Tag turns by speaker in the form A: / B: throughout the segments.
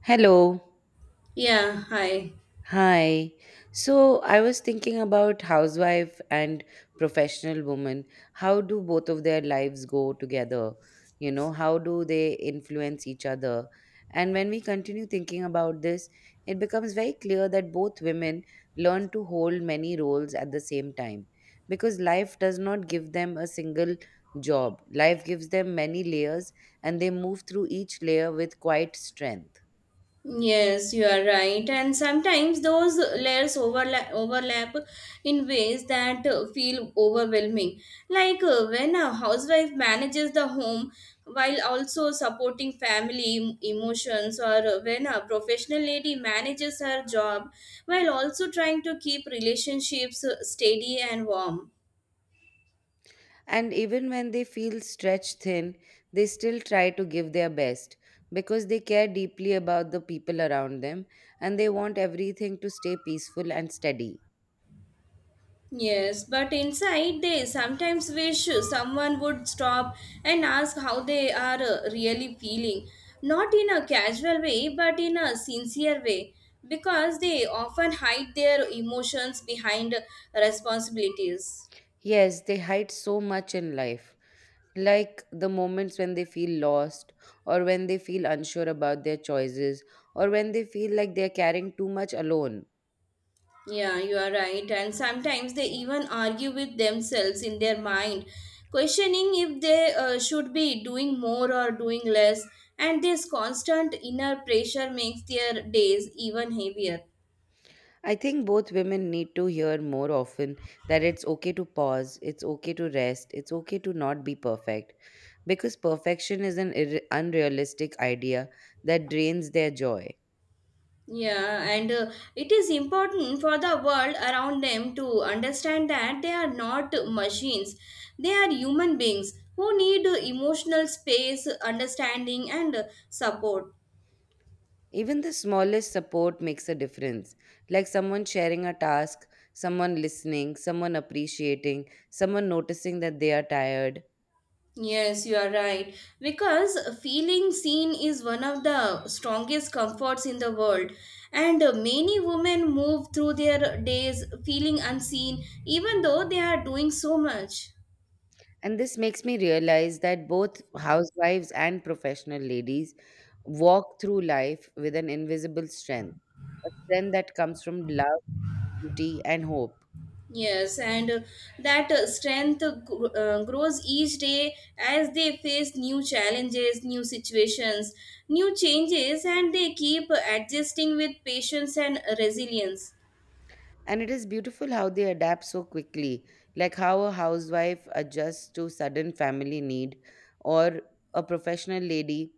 A: Hello.
B: Yeah, hi.
A: Hi. So I was thinking about housewife and professional woman. How do both of their lives go together? You know, how do they influence each other? And when we continue thinking about this, it becomes very clear that both women learn to hold many roles at the same time because life does not give them a single job. Life gives them many layers and they move through each layer with quite strength.
B: Yes, you are right. And sometimes those layers overlap in ways that feel overwhelming. Like when a housewife manages the home while also supporting family emotions, or when a professional lady manages her job while also trying to keep relationships steady and warm.
A: And even when they feel stretched thin, they still try to give their best because they care deeply about the people around them and they want everything to stay peaceful and steady.
B: Yes, but inside they sometimes wish someone would stop and ask how they are really feeling. Not in a casual way, but in a sincere way, because they often hide their emotions behind responsibilities.
A: Yes, they hide so much in life, like the moments when they feel lost, or when they feel unsure about their choices, or when they feel like they're carrying too much alone.
B: Yeah, you are right. And sometimes they even argue with themselves in their mind, questioning if they should be doing more or doing less. And this constant inner pressure makes their days even heavier.
A: I think both women need to hear more often that it's okay to pause, it's okay to rest, it's okay to not be perfect. Because perfection is an unrealistic idea that drains their joy.
B: Yeah, and it is important for the world around them to understand that they are not machines. They are human beings who need emotional space, understanding, and support.
A: Even the smallest support makes a difference, like someone sharing a task, someone listening, someone appreciating, someone noticing that they are tired.
B: Yes, you are right. Because feeling seen is one of the strongest comforts in the world. And many women move through their days feeling unseen, even though they are doing so much.
A: And this makes me realize that both housewives and professional ladies walk through life with an invisible strength, a strength that comes from love, beauty, and hope.
B: Yes, and that strength grows each day as they face new challenges, new situations, new changes, and they keep adjusting with patience and resilience.
A: And it is beautiful how they adapt so quickly, like how a housewife adjusts to sudden family need, or a professional lady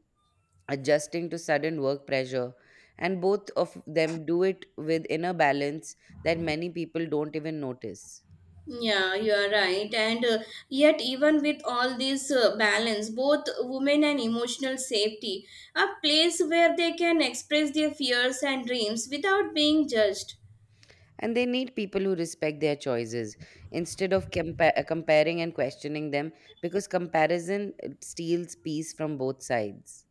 A: adjusting to sudden work pressure. And both of them do it with inner balance that many people don't even notice.
B: Yeah, you are right. And yet, even with all this balance, both women and emotional safety, a place where they can express their fears and dreams without being judged.
A: And they need people who respect their choices instead of comparing and questioning them because comparison steals peace from both sides.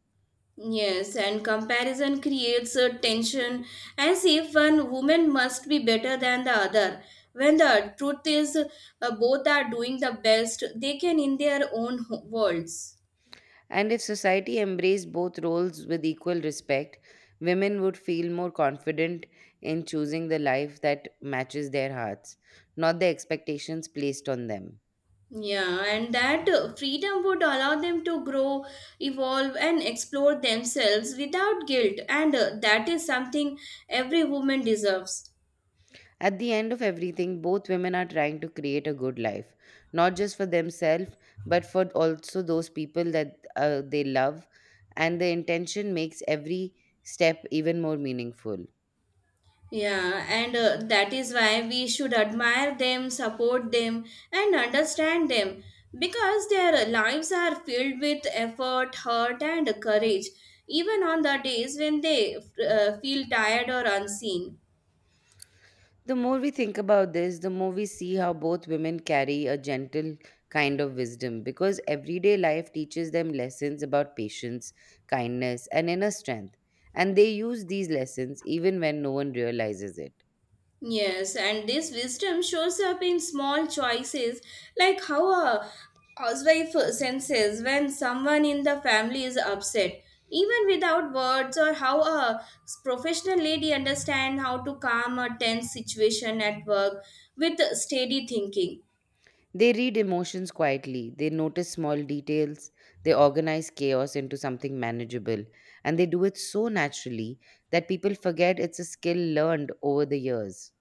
B: Yes, and comparison creates a tension as if one woman must be better than the other. When the truth is, both are doing the best they can in their own worlds.
A: And if society embraced both roles with equal respect, women would feel more confident in choosing the life that matches their hearts, not the expectations placed on them.
B: Yeah, and that freedom would allow them to grow, evolve, and explore themselves without guilt, and that is something every woman deserves.
A: At the end of everything, both women are trying to create a good life, not just for themselves, but for also those people that they love. And the intention makes every step even more meaningful.
B: Yeah, and that is why we should admire them, support them, and understand them because their lives are filled with effort, heart, and courage, even on the days when they feel tired or unseen.
A: The more we think about this, the more we see how both women carry a gentle kind of wisdom because everyday life teaches them lessons about patience, kindness, and inner strength. And they use these lessons even when no one realizes it.
B: Yes, and this wisdom shows up in small choices, like how a housewife senses when someone in the family is upset, even without words, or how a professional lady understands how to calm a tense situation at work with steady thinking.
A: They read emotions quietly, they notice small details, they organize chaos into something manageable, and they do it so naturally that people forget it's a skill learned over the years.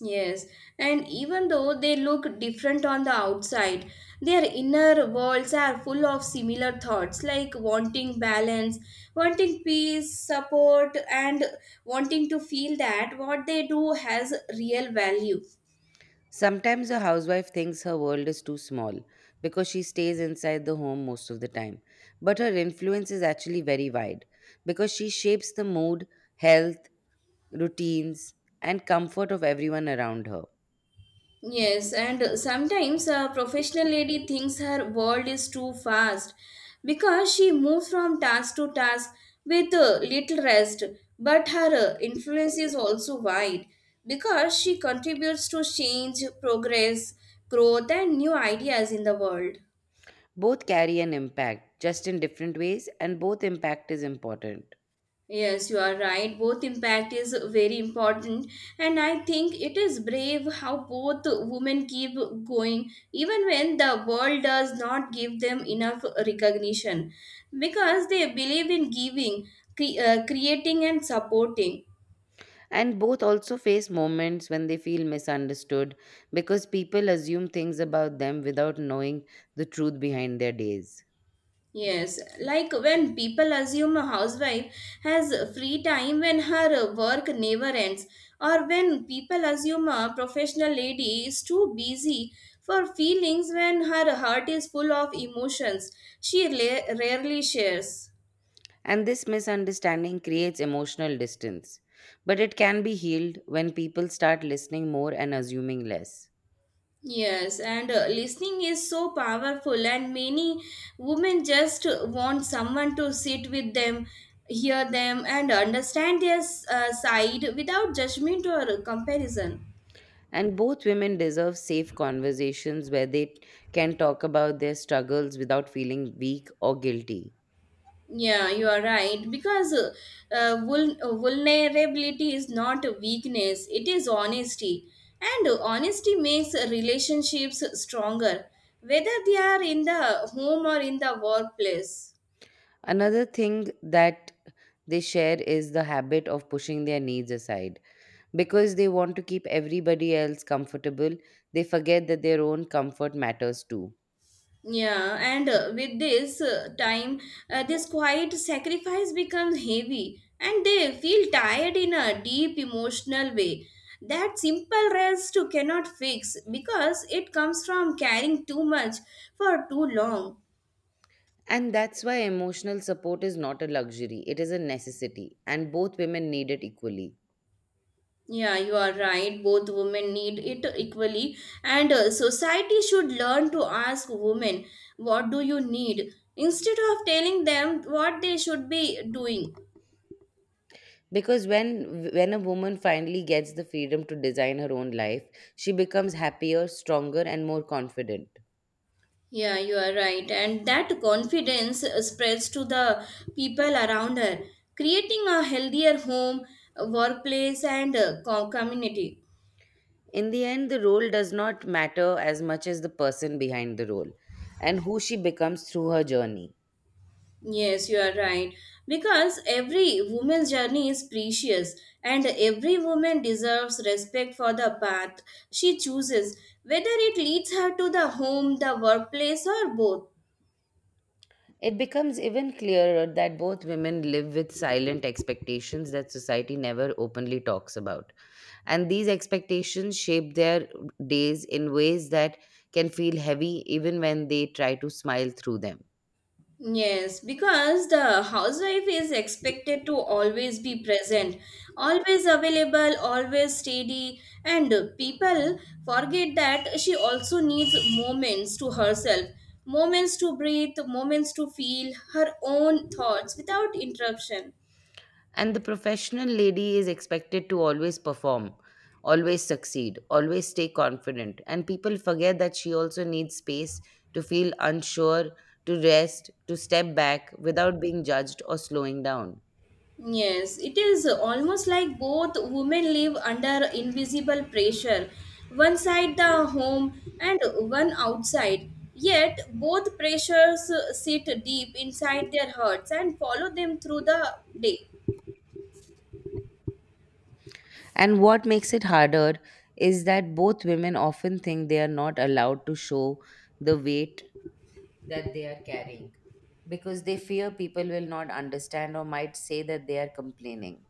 B: Yes, and even though they look different on the outside, their inner worlds are full of similar thoughts like wanting balance, wanting peace, support, and wanting to feel that what they do has real value.
A: Sometimes a housewife thinks her world is too small because she stays inside the home most of the time. But her influence is actually very wide because she shapes the mood, health, routines, and comfort of everyone around her.
B: Yes, and sometimes a professional lady thinks her world is too fast because she moves from task to task with little rest. But her influence is also wide because she contributes to change, progress, growth, and new ideas in the world.
A: Both carry an impact, just in different ways, and both impact is important.
B: Yes, you are right. Both impact is very important, and I think it is brave how both women keep going even when the world does not give them enough recognition because they believe in giving, creating, and supporting.
A: And both also face moments when they feel misunderstood because people assume things about them without knowing the truth behind their days.
B: Yes, like when people assume a housewife has free time when her work never ends, or when people assume a professional lady is too busy for feelings when her heart is full of emotions she rarely shares.
A: And this misunderstanding creates emotional distance. But it can be healed when people start listening more and assuming less.
B: Yes, and listening is so powerful, and many women just want someone to sit with them, hear them, and understand their side without judgment or comparison.
A: And both women deserve safe conversations where they can talk about their struggles without feeling weak or guilty.
B: Yeah, you are right. Because vulnerability is not a weakness, it is honesty. And honesty makes relationships stronger, whether they are in the home or in the workplace.
A: Another thing that they share is the habit of pushing their needs aside because they want to keep everybody else comfortable, they forget that their own comfort matters too.
B: Yeah, and with this time, this quiet sacrifice becomes heavy and they feel tired in a deep emotional way. That simple rest you cannot fix because it comes from carrying too much for too long.
A: And that's why emotional support is not a luxury, it is a necessity, and both women need it equally.
B: Yeah, you are right. Both women need it equally, and society should learn to ask women, what do you need? Instead of telling them what they should be doing.
A: Because when a woman finally gets the freedom to design her own life, she becomes happier, stronger, and more confident.
B: Yeah, you are right. And that confidence spreads to the people around her, creating a healthier home, workplace, and community.
A: In the end, the role does not matter as much as the person behind the role and who she becomes through her journey.
B: Yes, you are right. Because every woman's journey is precious, and every woman deserves respect for the path she chooses, whether it leads her to the home, the workplace, or both.
A: It becomes even clearer that both women live with silent expectations that society never openly talks about. And these expectations shape their days in ways that can feel heavy even when they try to smile through them.
B: Yes, because the housewife is expected to always be present, always available, always steady, and people forget that she also needs moments to herself, moments to breathe, moments to feel her own thoughts without interruption.
A: And the professional lady is expected to always perform, always succeed, always stay confident. And people forget that she also needs space to feel unsure, to rest, to step back without being judged or slowing down.
B: Yes, it is almost like both women live under invisible pressure, one side the home and one outside. Yet both pressures sit deep inside their hearts and follow them through the day.
A: And what makes it harder is that both women often think they are not allowed to show the weight that they are carrying because they fear people will not understand or might say that they are complaining.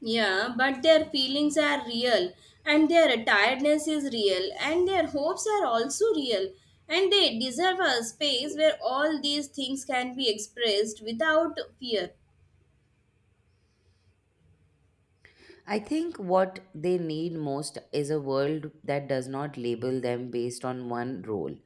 B: Yeah, but their feelings are real, and their tiredness is real, and their hopes are also real, and they deserve a space where all these things can be expressed without fear.
A: I think what they need most is a world that does not label them based on one role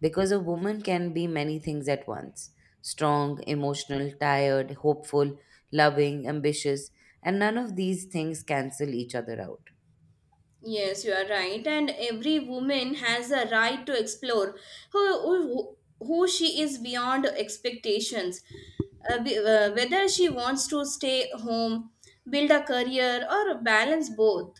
A: because a woman can be many things at once, strong, emotional, tired, hopeful, loving, ambitious, and none of these things cancel each other out.
B: Yes, you are right. And every woman has a right to explore who she is beyond expectations. Whether she wants to stay home, build a career, or balance both.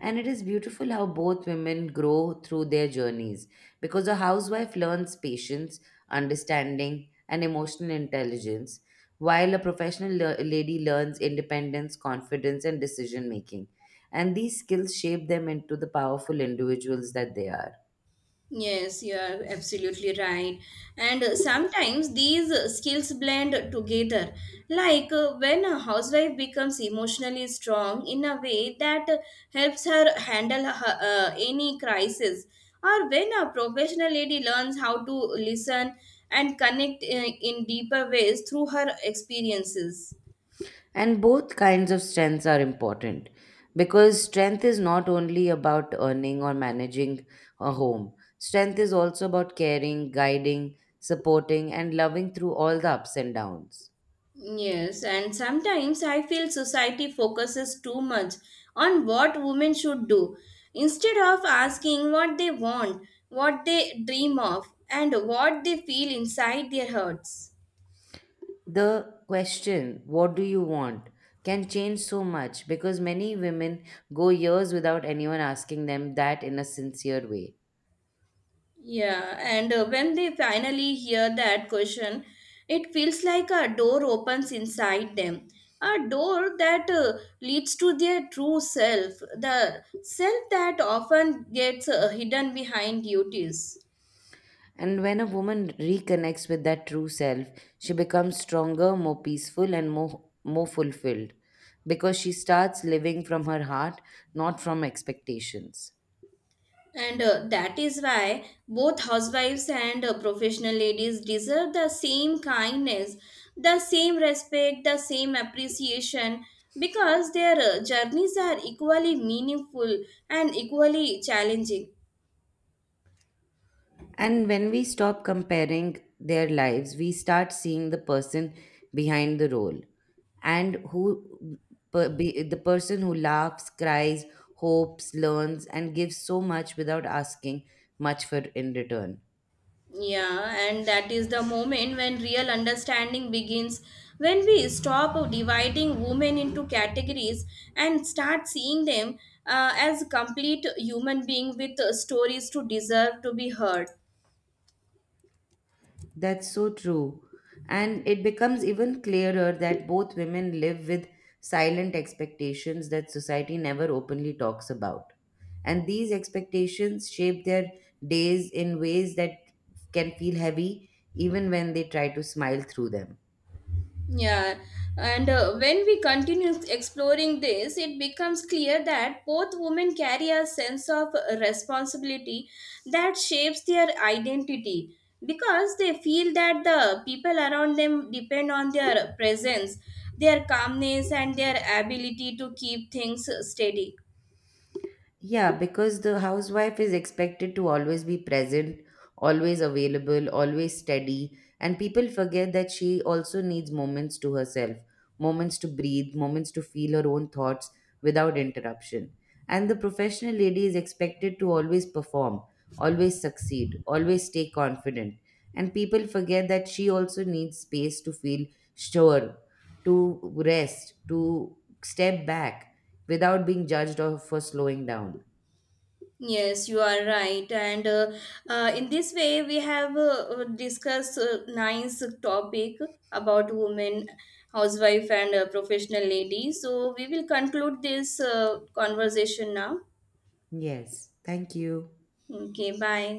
A: And it is beautiful how both women grow through their journeys because a housewife learns patience, understanding, and emotional intelligence, while a professional lady learns independence, confidence, and decision making. And these skills shape them into the powerful individuals that they are.
B: Yes, you are absolutely right. And sometimes these skills blend together. Like when a housewife becomes emotionally strong in a way that helps her handle her, any crisis, or when a professional lady learns how to listen and connect in deeper ways through her experiences.
A: And both kinds of strengths are important because strength is not only about earning or managing a home, strength is also about caring, guiding, supporting, and loving through all the ups and downs.
B: Yes, and sometimes I feel society focuses too much on what women should do instead of asking what they want, what they dream of, and what they feel inside their hearts.
A: The question, what do you want, can change so much because many women go years without anyone asking them that in a sincere way.
B: Yeah, and when they finally hear that question, it feels like a door opens inside them. A door that leads to their true self, the self that often gets hidden behind duties.
A: And when a woman reconnects with that true self, she becomes stronger, more peaceful, and more fulfilled because she starts living from her heart, not from expectations.
B: And that is why both housewives and professional ladies deserve the same kindness, the same respect, the same appreciation because their journeys are equally meaningful and equally challenging.
A: And when we stop comparing their lives, we start seeing the person behind the role and who the person who laughs, cries, hopes, learns, and gives so much without asking much for in return.
B: Yeah, and that is the moment when real understanding begins, when we stop dividing women into categories and start seeing them as complete human being with stories to deserve to be heard.
A: That's so true. And it becomes even clearer that both women live with silent expectations that society never openly talks about. And these expectations shape their days in ways that can feel heavy even when they try to smile through them.
B: Yeah, and when we continue exploring this, it becomes clear that both women carry a sense of responsibility that shapes their identity because they feel that the people around them depend on their presence, their calmness, and their ability to keep things steady.
A: Yeah, because the housewife is expected to always be present, always available, always steady, and people forget that she also needs moments to herself, moments to breathe, moments to feel her own thoughts without interruption. And the professional lady is expected to always perform, always succeed, always stay confident. And people forget that she also needs space to feel sure, to rest, to step back without being judged or for slowing down.
B: Yes, you are right. And in this way, we have discussed nice topic about women, housewife, and professional lady. So we will conclude this conversation now.
A: Yes. Thank you.
B: Okay, bye.